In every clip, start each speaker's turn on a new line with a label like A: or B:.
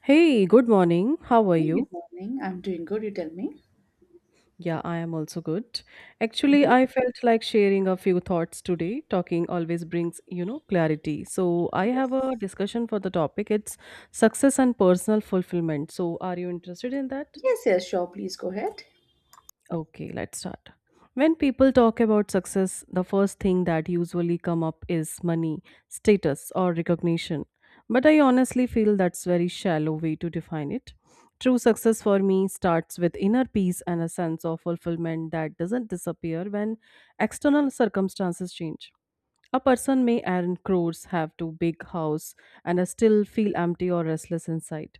A: Hey, good morning. How are
B: Hey,
A: you?
B: good morning. I'm doing good. You tell me.
A: Yeah, I am also good. Actually,
B: Hmm.
A: I felt like sharing a few thoughts today. Talking always brings, you know, clarity. So, I have a
B: Yes.
A: discussion for the topic. It's success and personal fulfillment. So, are you interested in that?
B: Yes, yes, sure. Please go ahead.
A: Okay, let's start. When people talk about success, the first thing that usually come up is money, status or recognition. But I honestly feel that's very shallow way to define it. True success for me starts with inner peace and a sense of fulfillment that doesn't disappear when external circumstances change. A person may earn crores, have two big house, and I still feel empty or restless inside,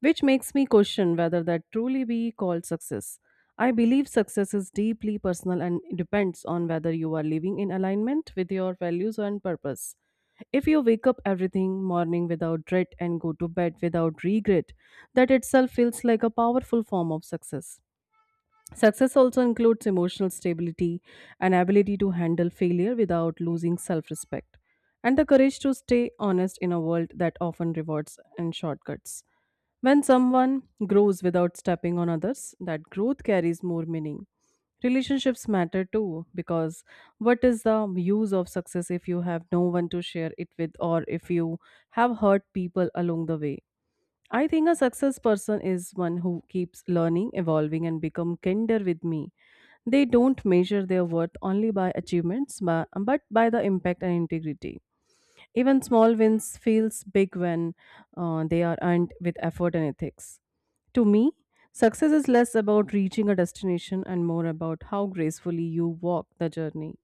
A: which makes me question whether that truly be called success. I believe success is deeply personal and depends on whether you are living in alignment with your values and purpose. If you wake up everything morning without dread and go to bed without regret, that itself feels like a powerful form of success. Success also includes emotional stability an ability to handle failure without losing self respect, and the courage to stay honest in a world that often rewards and shortcuts. When someone grows without stepping on others, that growth carries more meaning. Relationships matter too, because what is the use of success if you have no one to share it with or if you have hurt people along the way? I think a success person is one who keeps learning, evolving, and become kinder with me. They don't measure their worth only by achievements, but by the impact and integrity. Even small wins feels big when they are earned with effort and ethics. To me, success is less about reaching a destination and more about how gracefully you walk the journey.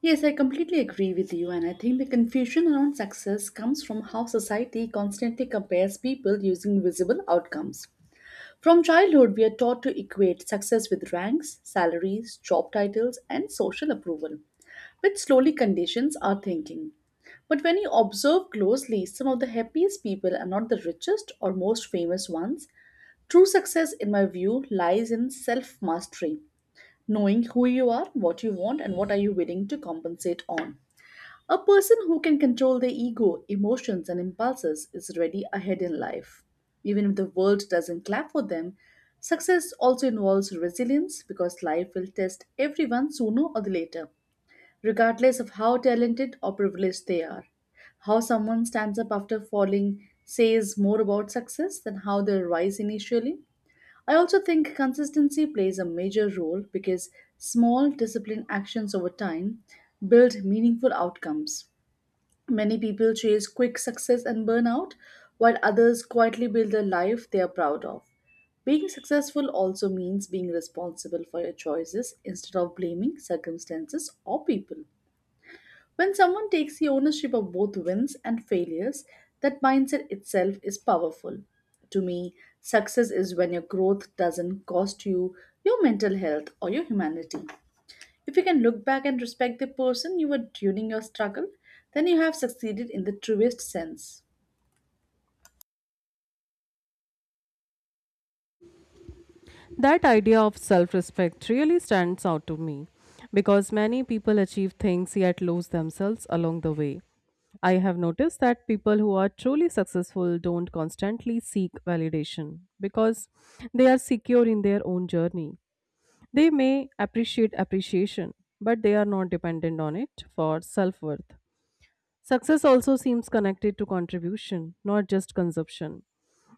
B: Yes, I completely agree with you, and I think the confusion around success comes from how society constantly compares people using visible outcomes. From childhood, we are taught to equate success with ranks, salaries, job titles, and social approval, which slowly conditions our thinking. But when you observe closely, some of the happiest people are not the richest or most famous ones. True success, in my view, lies in self mastery, knowing who you are, what you want, and what are you willing to compensate on. A person who can control their ego, emotions, and impulses is already ahead in life. Even if the world doesn't clap for them, success also involves resilience because life will test everyone sooner or the later, regardless of how talented or privileged they are. How someone stands up after falling says more about success than how they rise initially. I also think consistency plays a major role because small disciplined actions over time build meaningful outcomes. Many people chase quick success and burn out, while others quietly build a life they are proud of. Being successful also means being responsible for your choices instead of blaming circumstances or people. When someone takes the ownership of both wins and failures, that mindset itself is powerful. To me, success is when your growth doesn't cost you your mental health or your humanity. If you can look back and respect the person you were during your struggle, then you have succeeded in the truest sense.
A: That idea of self respect really stands out to me because many people achieve things yet lose themselves along the way. I have noticed that people who are truly successful don't constantly seek validation because they are secure in their own journey. They may appreciate appreciation, but they are not dependent on it for self worth. Success also seems connected to contribution, not just consumption.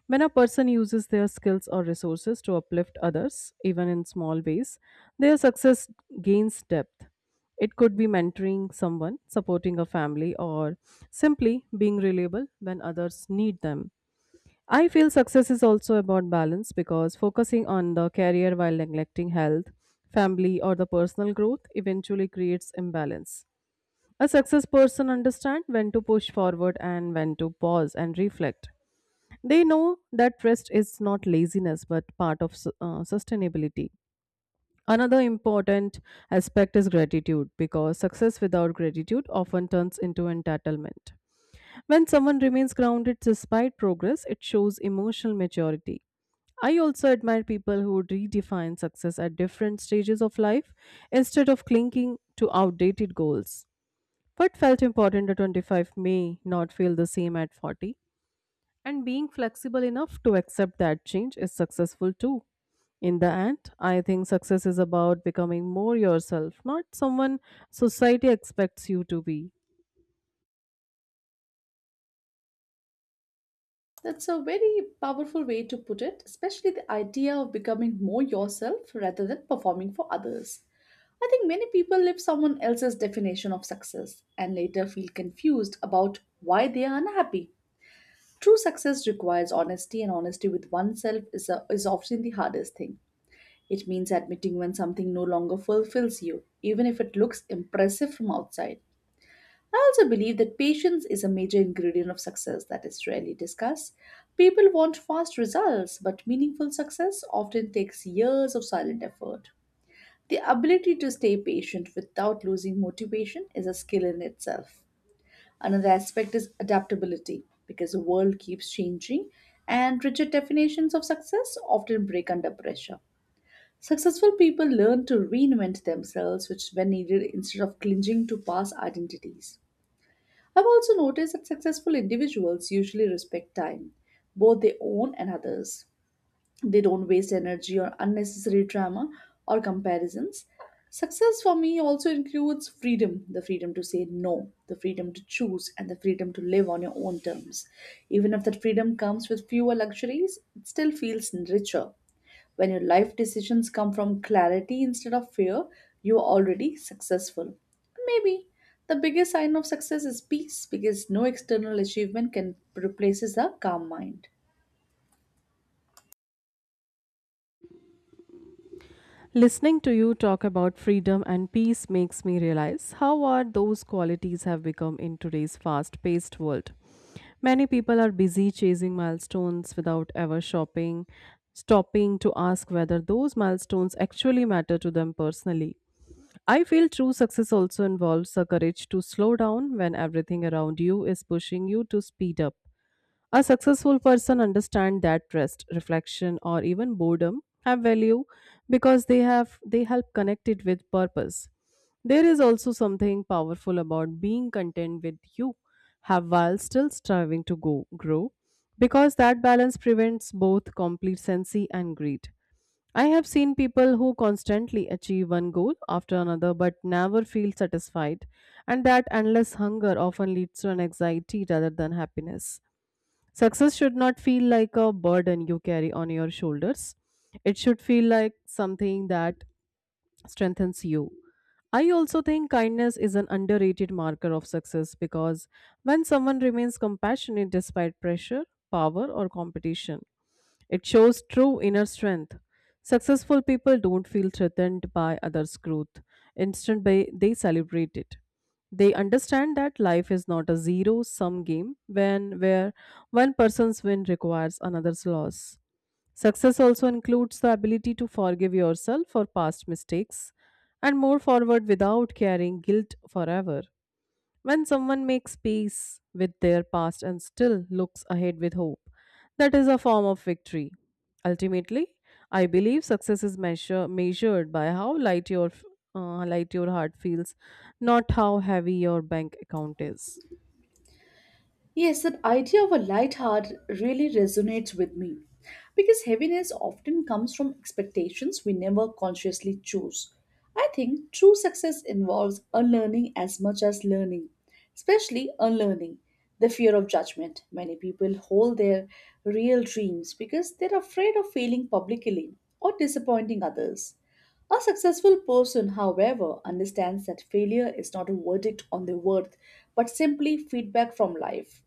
A: When a person uses their skills or resources to uplift others, even in small ways, their success gains depth. It could be mentoring someone, supporting a family, or simply being reliable when others need them. I feel success is also about balance because focusing on the career while neglecting health, family, or the personal growth eventually creates imbalance. A success person understands when to push forward and when to pause and reflect. They know that rest is not laziness but part of sustainability. Another important aspect is gratitude because success without gratitude often turns into entitlement. When someone remains grounded despite progress, it shows emotional maturity. I also admire people who redefine success at different stages of life instead of clinging to outdated goals. What felt important at 25 may not feel the same at 40, and being flexible enough to accept that change is successful too. In the end, I think success is about becoming more yourself, not someone society expects you to be.
B: That's a very powerful way to put it, especially the idea of becoming more yourself rather than performing for others. I think many people live someone else's definition of success and later feel confused about why they are unhappy. True success requires honesty, and honesty with oneself is often the hardest thing. It means admitting when something no longer fulfills you, even if it looks impressive from outside. I also believe that patience is a major ingredient of success that is rarely discussed. People want fast results, but meaningful success often takes years of silent effort. The ability to stay patient without losing motivation is a skill in itself. Another aspect is adaptability because the world keeps changing and rigid definitions of success often break under pressure. Successful people learn to reinvent themselves, which when needed, instead of clinging to past identities. I've also noticed that successful individuals usually respect time, both their own and others. They don't waste energy on unnecessary drama or comparisons. Success for me also includes freedom, the freedom to say no, the freedom to choose, and the freedom to live on your own terms. Even if that freedom comes with fewer luxuries, it still feels richer. When your life decisions come from clarity instead of fear, you are already successful. Maybe the biggest sign of success is peace because no external achievement can replaces a calm mind.
A: Listening to you talk about freedom and peace makes me realize how hard those qualities have become in today's fast paced world. Many people are busy chasing milestones without ever shopping, stopping to ask whether those milestones actually matter to them personally. I feel true success also involves the courage to slow down when everything around you is pushing you to speed up. A successful person understands that rest, reflection, or even boredom have value because they help connect it with purpose. There is also something powerful about being content with you have while still striving to go grow because that balance prevents both complacency and greed. I have seen people who constantly achieve one goal after another but never feel satisfied, and that endless hunger often leads to an anxiety rather than happiness. Success should not feel like a burden you carry on your shoulders. It should feel like something that strengthens you. I also think kindness is an underrated marker of success because when someone remains compassionate despite pressure, power, or competition, it shows true inner strength. Successful people don't feel threatened by others' growth. Instead, they celebrate it. They understand that life is not a zero sum game when where one person's win requires another's loss. Success also includes the ability to forgive yourself for past mistakes and move forward without carrying guilt forever. When someone makes peace with their past and still looks ahead with hope, that is a form of victory. Ultimately, I believe success is measured by how light your light your heart feels, not how heavy your bank account is.
B: Yes, that idea of a light heart really resonates with me because heaviness often comes from expectations we never consciously choose. I think true success involves unlearning as much as learning, especially unlearning the fear of judgment. Many people hold their real dreams because they're afraid of failing publicly or disappointing others. A successful person, however, understands that failure is not a verdict on their worth, but simply feedback from life.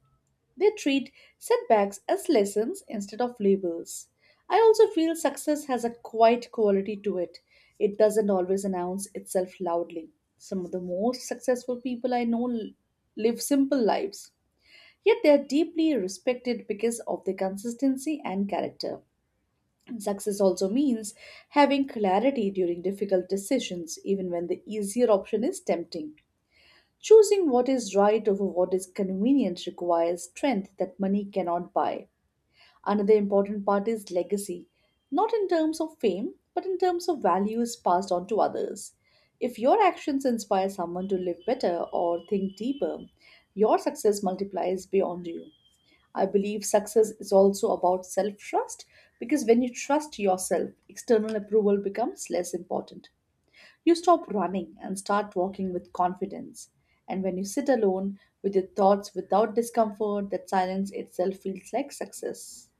B: They treat setbacks as lessons instead of labels. I also feel success has a quiet quality to it. It doesn't always announce itself loudly. Some of the most successful people I know live simple lives, yet they are deeply respected because of their consistency and character. And success also means having clarity during difficult decisions, even when the easier option is tempting. Choosing what is right over what is convenient requires strength that money cannot buy. Another important part is legacy, not in terms of fame, but in terms of values passed on to others. If your actions inspire someone to live better or think deeper, your success multiplies beyond you. I believe success is also about self trust because when you trust yourself, external approval becomes less important. You stop running and start walking with confidence. And when you sit alone with your thoughts without discomfort, that silence itself feels like success.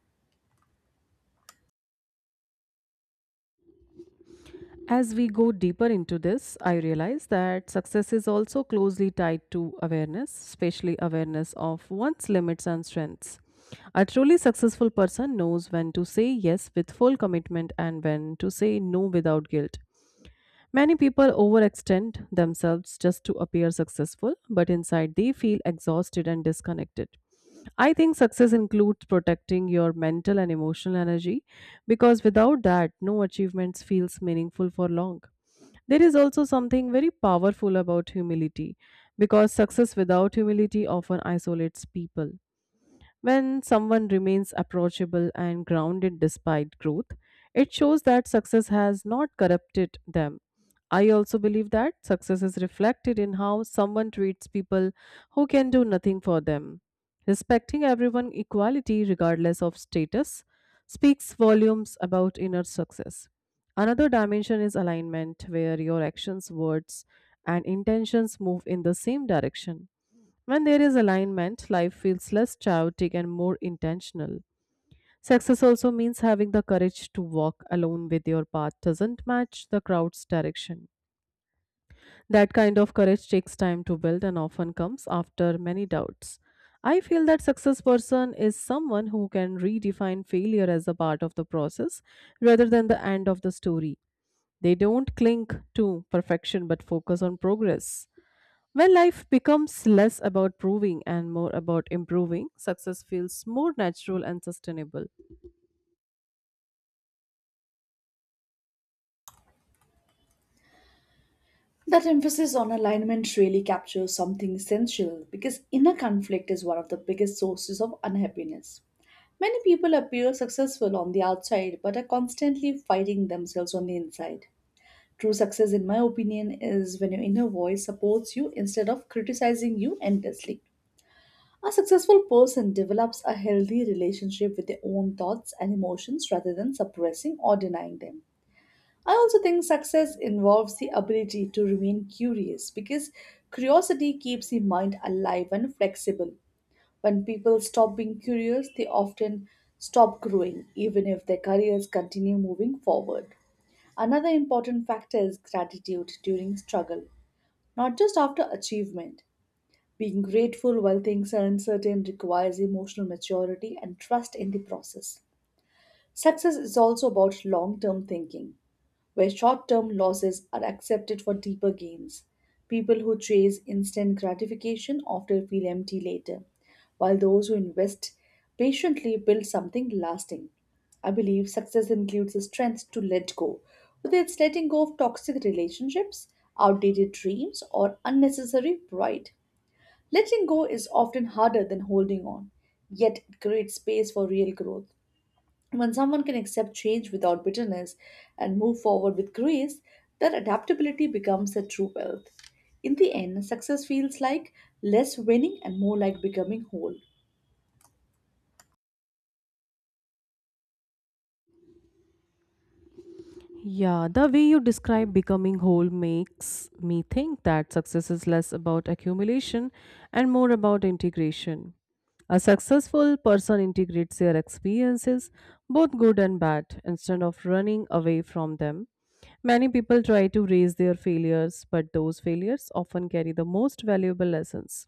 A: As we go deeper into this, I realize that success is also closely tied to awareness, especially awareness of one's limits and strengths. A truly successful person knows when to say yes with full commitment and when to say no without guilt. Many people overextend themselves just to appear successful, but inside they feel exhausted and disconnected. I think success includes protecting your mental and emotional energy because without that, no achievements feels meaningful for long. There is also something very powerful about humility because success without humility often isolates people. When someone remains approachable and grounded despite growth, it shows that success has not corrupted them. I also believe that success is reflected in how someone treats people who can do nothing for them. Respecting everyone equality, regardless of status, speaks volumes about inner success. Another dimension is alignment, where your actions, words, and intentions move in the same direction. When there is alignment, life feels less chaotic and more intentional. Success also means having the courage to walk alone with your path doesn't match the crowd's direction. That kind of courage takes time to build and often comes after many doubts. I feel that success person is someone who can redefine failure as a part of the process rather than the end of the story. They don't cling to perfection but focus on progress. When life becomes less about proving and more about improving, success feels more natural and sustainable.
B: That emphasis on alignment really captures something essential because inner conflict is one of the biggest sources of unhappiness. Many people appear successful on the outside but are constantly fighting themselves on the inside. True success, in my opinion, is when your inner voice supports you instead of criticizing you endlessly. A successful person develops a healthy relationship with their own thoughts and emotions rather than suppressing or denying them. I also think success involves the ability to remain curious because curiosity keeps the mind alive and flexible. When people stop being curious, they often stop growing, even if their careers continue moving forward. Another important factor is gratitude during struggle, not just after achievement. Being grateful while things are uncertain requires emotional maturity and trust in the process. Success is also about long term thinking, where short term losses are accepted for deeper gains. People who chase instant gratification often feel empty later, while those who invest patiently build something lasting. I believe success includes the strength to let go, whether it's letting go of toxic relationships, outdated dreams, or unnecessary pride. Letting go is often harder than holding on, yet it creates space for real growth. When someone can accept change without bitterness and move forward with grace, their adaptability becomes their true wealth. In the end, success feels like less winning and more like becoming whole.
A: Yeah, the way you describe becoming whole makes me think that success is less about accumulation and more about integration. A successful person integrates their experiences, both good and bad, instead of running away from them. Many people try to raise their failures, but those failures often carry the most valuable lessons.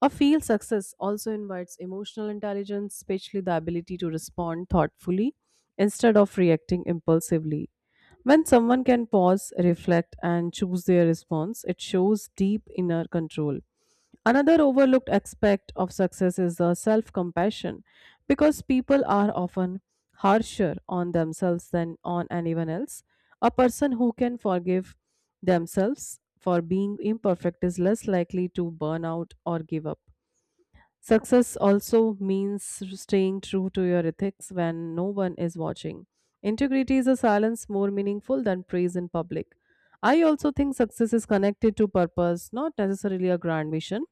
A: A field success also invites emotional intelligence, especially the ability to respond thoughtfully instead of reacting impulsively. When someone can pause, reflect, and choose their response, it shows deep inner control. Another overlooked aspect of success is the self compassion because people are often harsher on themselves than on anyone else. A person who can forgive themselves for being imperfect is less likely to burn out or give up. Success also means staying true to your ethics when no one is watching. Integrity is a silence more meaningful than praise in public. I also think success is connected to purpose, not necessarily a grand mission,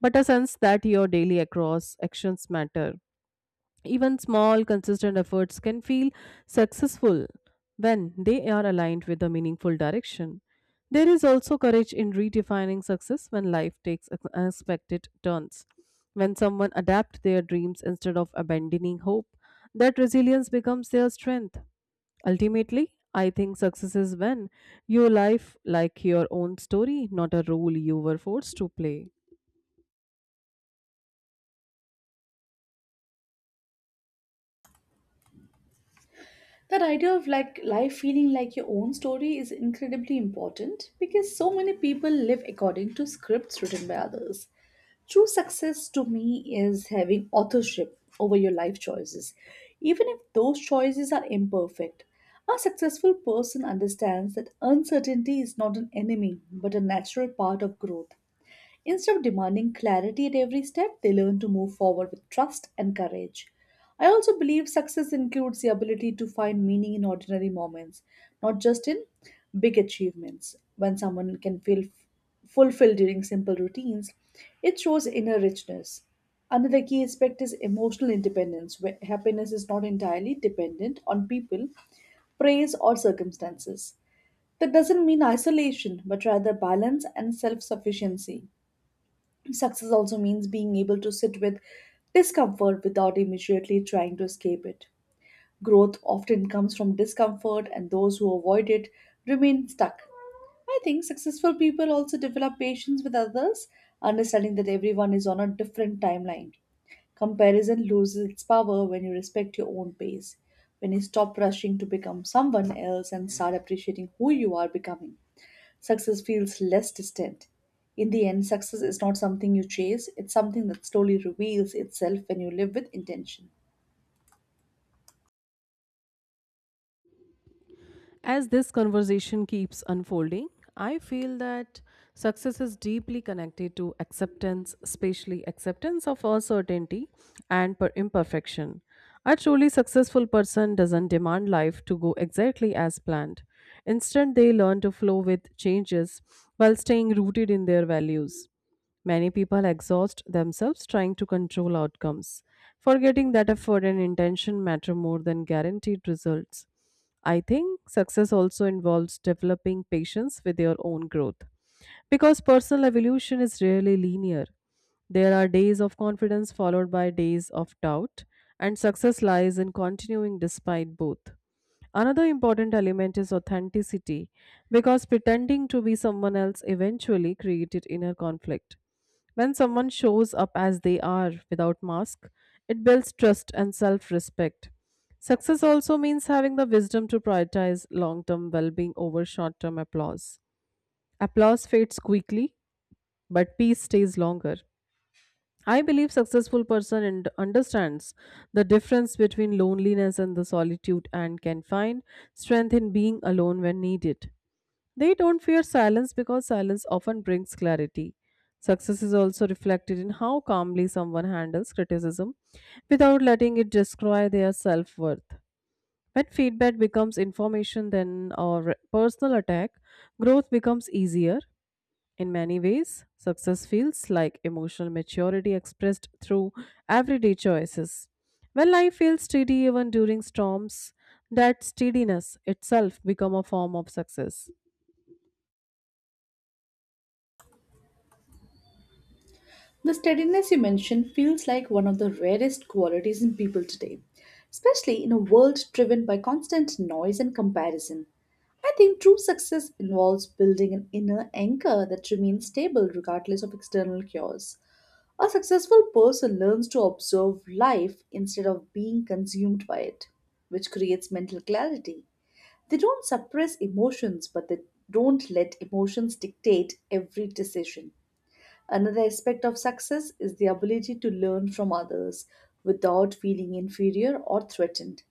A: but a sense that your daily across actions matter. Even small, consistent efforts can feel successful when they are aligned with a meaningful direction. There is also courage in redefining success when life takes unexpected turns. When someone adapts their dreams instead of abandoning hope, that resilience becomes their strength. Ultimately, I think success is when your life like your own story, not a role you were forced to play.
B: That idea of like life feeling like your own story is incredibly important because so many people live according to scripts written by others. True success to me is having authorship over your life choices, even if those choices are imperfect. A successful person understands that uncertainty is not an enemy but a natural part of growth. Instead of demanding clarity at every step, they learn to move forward with trust and courage. I also believe success includes the ability to find meaning in ordinary moments, not just in big achievements. When someone can feel fulfilled during simple routines, it shows inner richness. Another key aspect is emotional independence, where happiness is not entirely dependent on people, praise, or circumstances. That doesn't mean isolation, but rather balance and self sufficiency. Success also means being able to sit with discomfort without immediately trying to escape it. Growth often comes from discomfort, and those who avoid it remain stuck. I think successful people also develop patience with others, understanding that everyone is on a different timeline. Comparison loses its power when you respect your own pace. When you stop rushing to become someone else and start appreciating who you are becoming, success feels less distant. In the end, success is not something you chase, it's something that slowly reveals itself when you live with intention.
A: As this conversation keeps unfolding, I feel that success is deeply connected to acceptance, especially acceptance of uncertainty and imperfection. A truly successful person doesn't demand life to go exactly as planned. Instead, they learn to flow with changes while staying rooted in their values. Many people exhaust themselves trying to control outcomes, forgetting that effort and intention matter more than guaranteed results. I think success also involves developing patience with your own growth. Because personal evolution is rarely linear, there are days of confidence followed by days of doubt, and success lies in continuing despite both. Another important element is authenticity because pretending to be someone else eventually created inner conflict. When someone shows up as they are without mask, it builds trust and self-respect. Success also means having the wisdom to prioritize long-term well-being over short-term applause. Applause fades quickly, but peace stays longer. I believe successful person and understands the difference between loneliness and the solitude and can find strength in being alone when needed. They don't fear silence because silence often brings clarity. Success is also reflected in how calmly someone handles criticism without letting it destroy their self-worth. When feedback becomes information then or personal attack, growth becomes easier in many ways, success feels like emotional maturity expressed through everyday choices. When life feels steady even during storms, that steadiness itself become a form of success.
B: The steadiness you mentioned feels like one of the rarest qualities in people today, especially in a world driven by constant noise and comparison. I think true success involves building an inner anchor that remains stable regardless of external cures. A successful person learns to observe life instead of being consumed by it, which creates mental clarity. They don't suppress emotions, but they don't let emotions dictate every decision. Another aspect of success is the ability to learn from others without feeling inferior or threatened.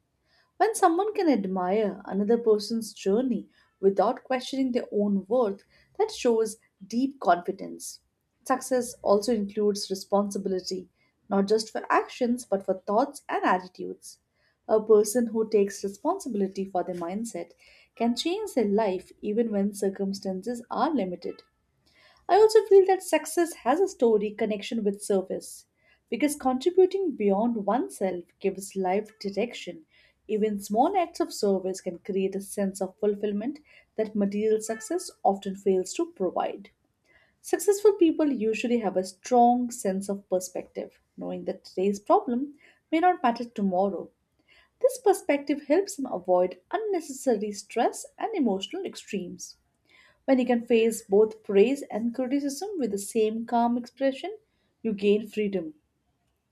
B: When someone can admire another person's journey without questioning their own worth, that shows deep confidence. Success also includes responsibility, not just for actions but for thoughts and attitudes. A person who takes responsibility for their mindset can change their life even when circumstances are limited. I also feel that success has a story connection with service because contributing beyond oneself gives life direction. Even small acts of service can create a sense of fulfillment that material success often fails to provide. Successful people usually have a strong sense of perspective, knowing that today's problem may not matter tomorrow. This perspective helps them avoid unnecessary stress and emotional extremes. When you can face both praise and criticism with the same calm expression, you gain freedom.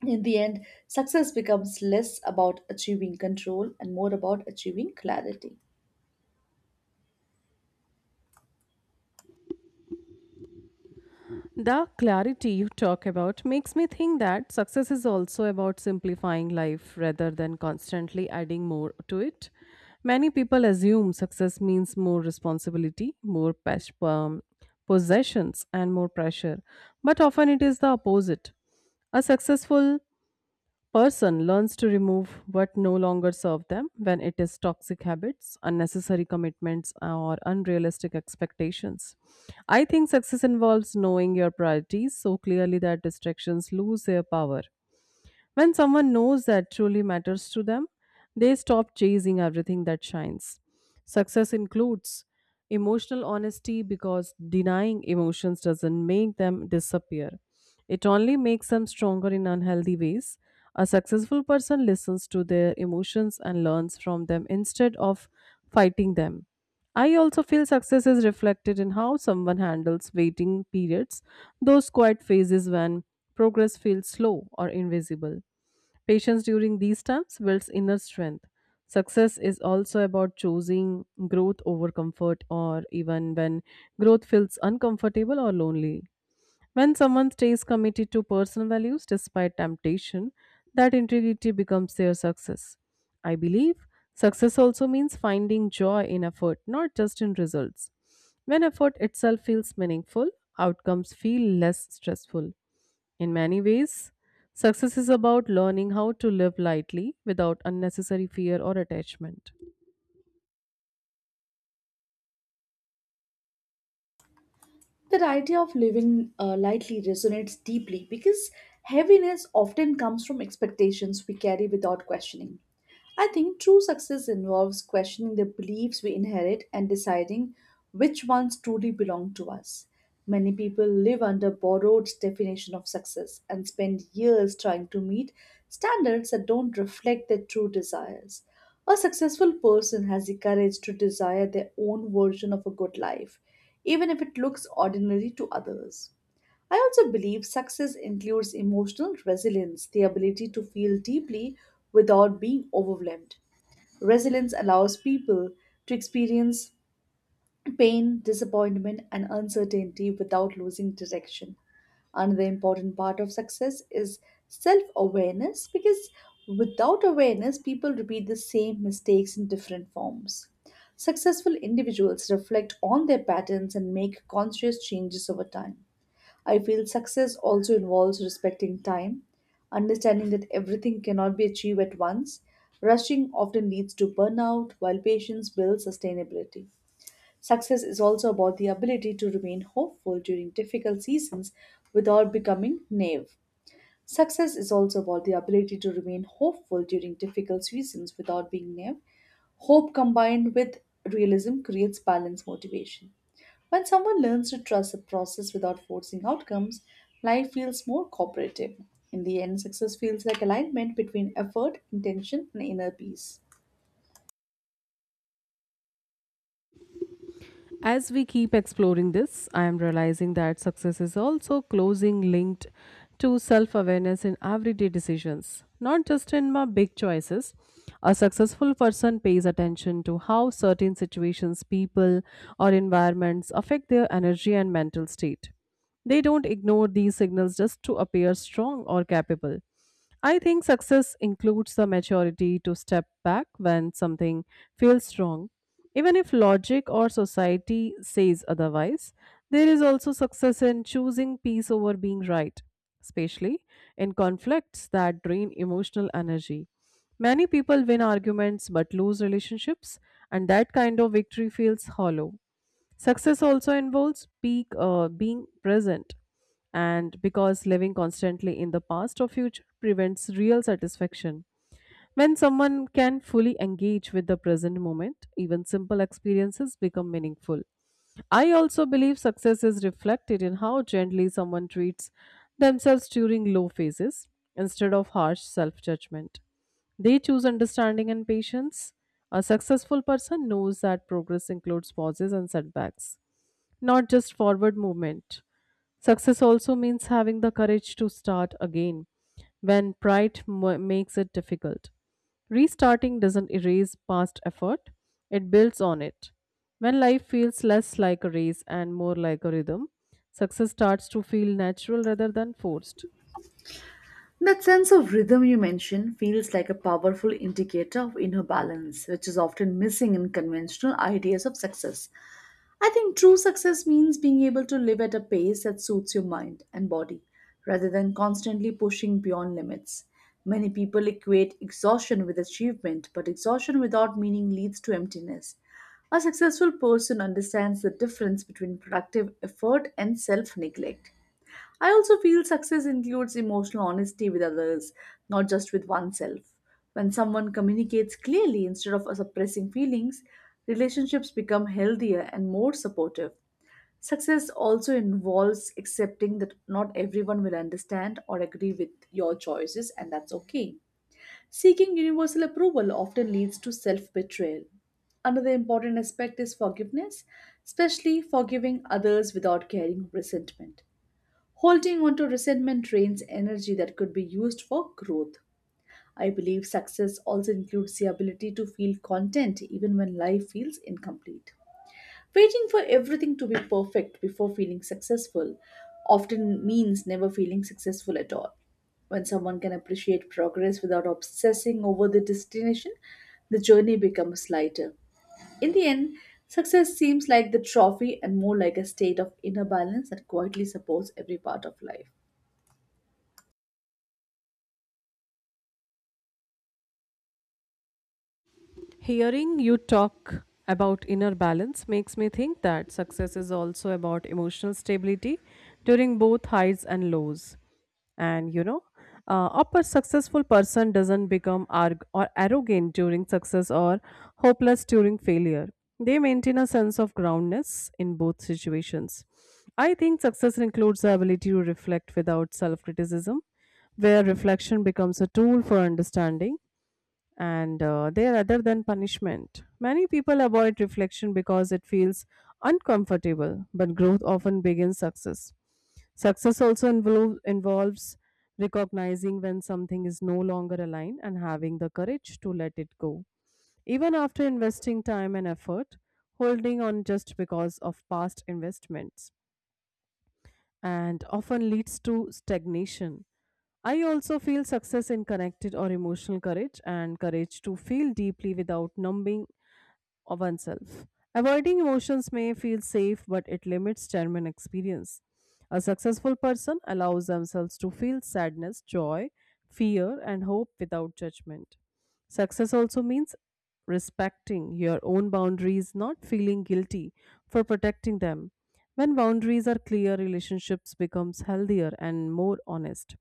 B: In the end, success becomes less about achieving control and more about achieving clarity.
A: The clarity you talk about makes me think that success is also about simplifying life rather than constantly adding more to it. Many people assume success means more responsibility, possessions, and more pressure, but often it is the opposite. A successful person learns to remove what no longer serve them when it is toxic habits, unnecessary commitments, or unrealistic expectations. I think success involves knowing your priorities so clearly that distractions lose their power. When someone knows that truly matters to them, they stop chasing everything that shines. Success includes emotional honesty because denying emotions doesn't make them disappear. It only makes them stronger in unhealthy ways. A successful person listens to their emotions and learns from them instead of fighting them. I also feel success is reflected in how someone handles waiting periods, those quiet phases when progress feels slow or invisible. Patience during these times builds inner strength. Success is also about choosing growth over comfort, or even when growth feels uncomfortable or lonely. When someone stays committed to personal values despite temptation, that integrity becomes their success. I believe success also means finding joy in effort, not just in results. When effort itself feels meaningful, outcomes feel less stressful. In many ways, success is about learning how to live lightly without unnecessary fear or attachment.
B: That idea of living lightly resonates deeply because heaviness often comes from expectations we carry without questioning. I think true success involves questioning the beliefs we inherit and deciding which ones truly belong to us. Many people live under borrowed definition of success and spend years trying to meet standards that don't reflect their true desires. A successful person has the courage to desire their own version of a good life, even if it looks ordinary to others. I also believe success includes emotional resilience, the ability to feel deeply without being overwhelmed. Resilience allows people to experience pain, disappointment, and uncertainty without losing direction. Another important part of success is self awareness because without awareness, people repeat the same mistakes in different forms. Successful individuals reflect on their patterns and make conscious changes over time. I feel success also involves respecting time, understanding that everything cannot be achieved at once. Rushing often leads to burnout, while patience builds sustainability. Success is also about the ability to remain hopeful during difficult seasons without becoming naive. Success is also about the ability to remain hopeful during difficult seasons without being naive. Hope combined with realism creates balanced motivation. When someone learns to trust the process without forcing outcomes, life feels more cooperative. In the end, success feels like alignment between effort, intention, and inner peace.
A: As we keep exploring this, I am realizing that success is also closely linked to self awareness in everyday decisions, not just in my big choices. A successful person pays attention to how certain situations, people, or environments affect their energy and mental state. They don't ignore these signals just to appear strong or capable. I think success includes the maturity to step back when something feels wrong. Even if logic or society says otherwise, there is also success in choosing peace over being right, especially in conflicts that drain emotional energy. Many people win arguments but lose relationships, and that kind of victory feels hollow. Success also involves being present, and because living constantly in the past or future prevents real satisfaction. When someone can fully engage with the present moment, even simple experiences become meaningful. I also believe success is reflected in how gently someone treats themselves during low phases instead of harsh self judgment. They choose understanding and patience. A successful person knows that progress includes pauses and setbacks, not just forward movement. Success also means having the courage to start again when makes it difficult. Restarting doesn't erase past effort, it builds on it. When life feels less like a race and more like a rhythm, success starts to feel natural rather than forced.
B: That sense of rhythm you mentioned feels like a powerful indicator of inner balance, which is often missing in conventional ideas of success. I think true success means being able to live at a pace that suits your mind and body rather than constantly pushing beyond limits. Many people equate exhaustion with achievement, but exhaustion without meaning leads to emptiness. A successful person understands the difference between productive effort and self neglect. I also feel success includes emotional honesty with others, not just with oneself. When someone communicates clearly instead of suppressing feelings, relationships become healthier and more supportive. Success also involves accepting that not everyone will understand or agree with your choices, and that's okay. Seeking universal approval often leads to self betrayal. Another important aspect is forgiveness, especially forgiving others without carrying resentment. Holding onto resentment drains energy that could be used for growth. I believe success also includes the ability to feel content even when life feels incomplete. Waiting for everything to be perfect before feeling successful often means never feeling successful at all. When someone can appreciate progress without obsessing over the destination, the journey becomes lighter. In the end, success seems like the trophy and more like a state of inner balance that quietly supports every part of life.
A: Hearing you talk about inner balance makes me think that success is also about emotional stability during both highs and lows. And upper successful person doesn't become arg- or arrogant during success or hopeless during failure. They maintain a sense of groundness in both situations. I think success includes the ability to reflect without self-criticism, where reflection becomes a tool for understanding and there rather than punishment. Many people avoid reflection because it feels uncomfortable, but growth often begins success. Success also involves recognizing when something is no longer aligned and having the courage to let it go. Even after investing time and effort, holding on just because of past investments and often leads to stagnation. I also feel success in connected or emotional courage and courage to feel deeply without numbing of oneself. Avoiding emotions may feel safe, but it limits genuine experience. A successful person allows themselves to feel sadness, joy, fear, and hope without judgment. Success also means respecting your own boundaries, not feeling guilty for protecting them. When boundaries are clear, relationships becomes healthier and more honest.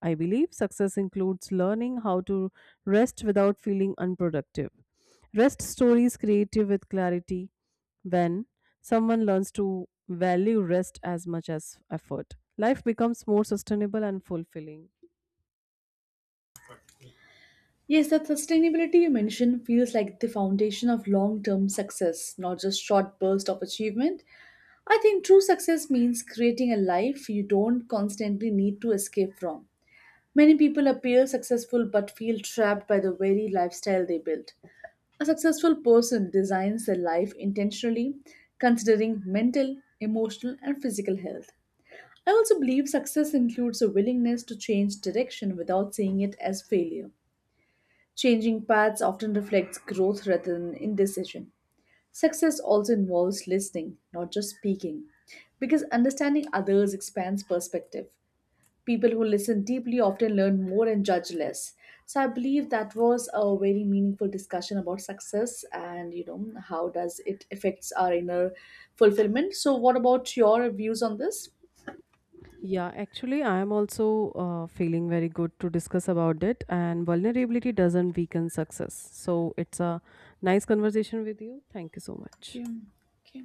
A: I believe success includes learning how to rest without feeling unproductive. Rest stories creative with clarity when someone learns to value rest as much as effort. Life becomes more sustainable and fulfilling.
B: Yes, that sustainability you mentioned feels like the foundation of long term success, not just short bursts of achievement. I think true success means creating a life you don't constantly need to escape from. Many people appear successful but feel trapped by the very lifestyle they built. A successful person designs their life intentionally, considering mental, emotional, and physical health. I also believe success includes a willingness to change direction without seeing it as failure. Changing paths often reflects growth rather than indecision. Success also involves listening, not just speaking, because understanding others expands perspective. People who listen deeply often learn more and judge less. So I believe that was a very meaningful discussion about success and how does it affects our inner fulfillment. So what about your views on this?
A: Yeah, actually, I am also feeling very good to discuss about it. And vulnerability doesn't weaken success. So it's a nice conversation with you. Thank you so
B: Thank
A: much.
B: you. Okay.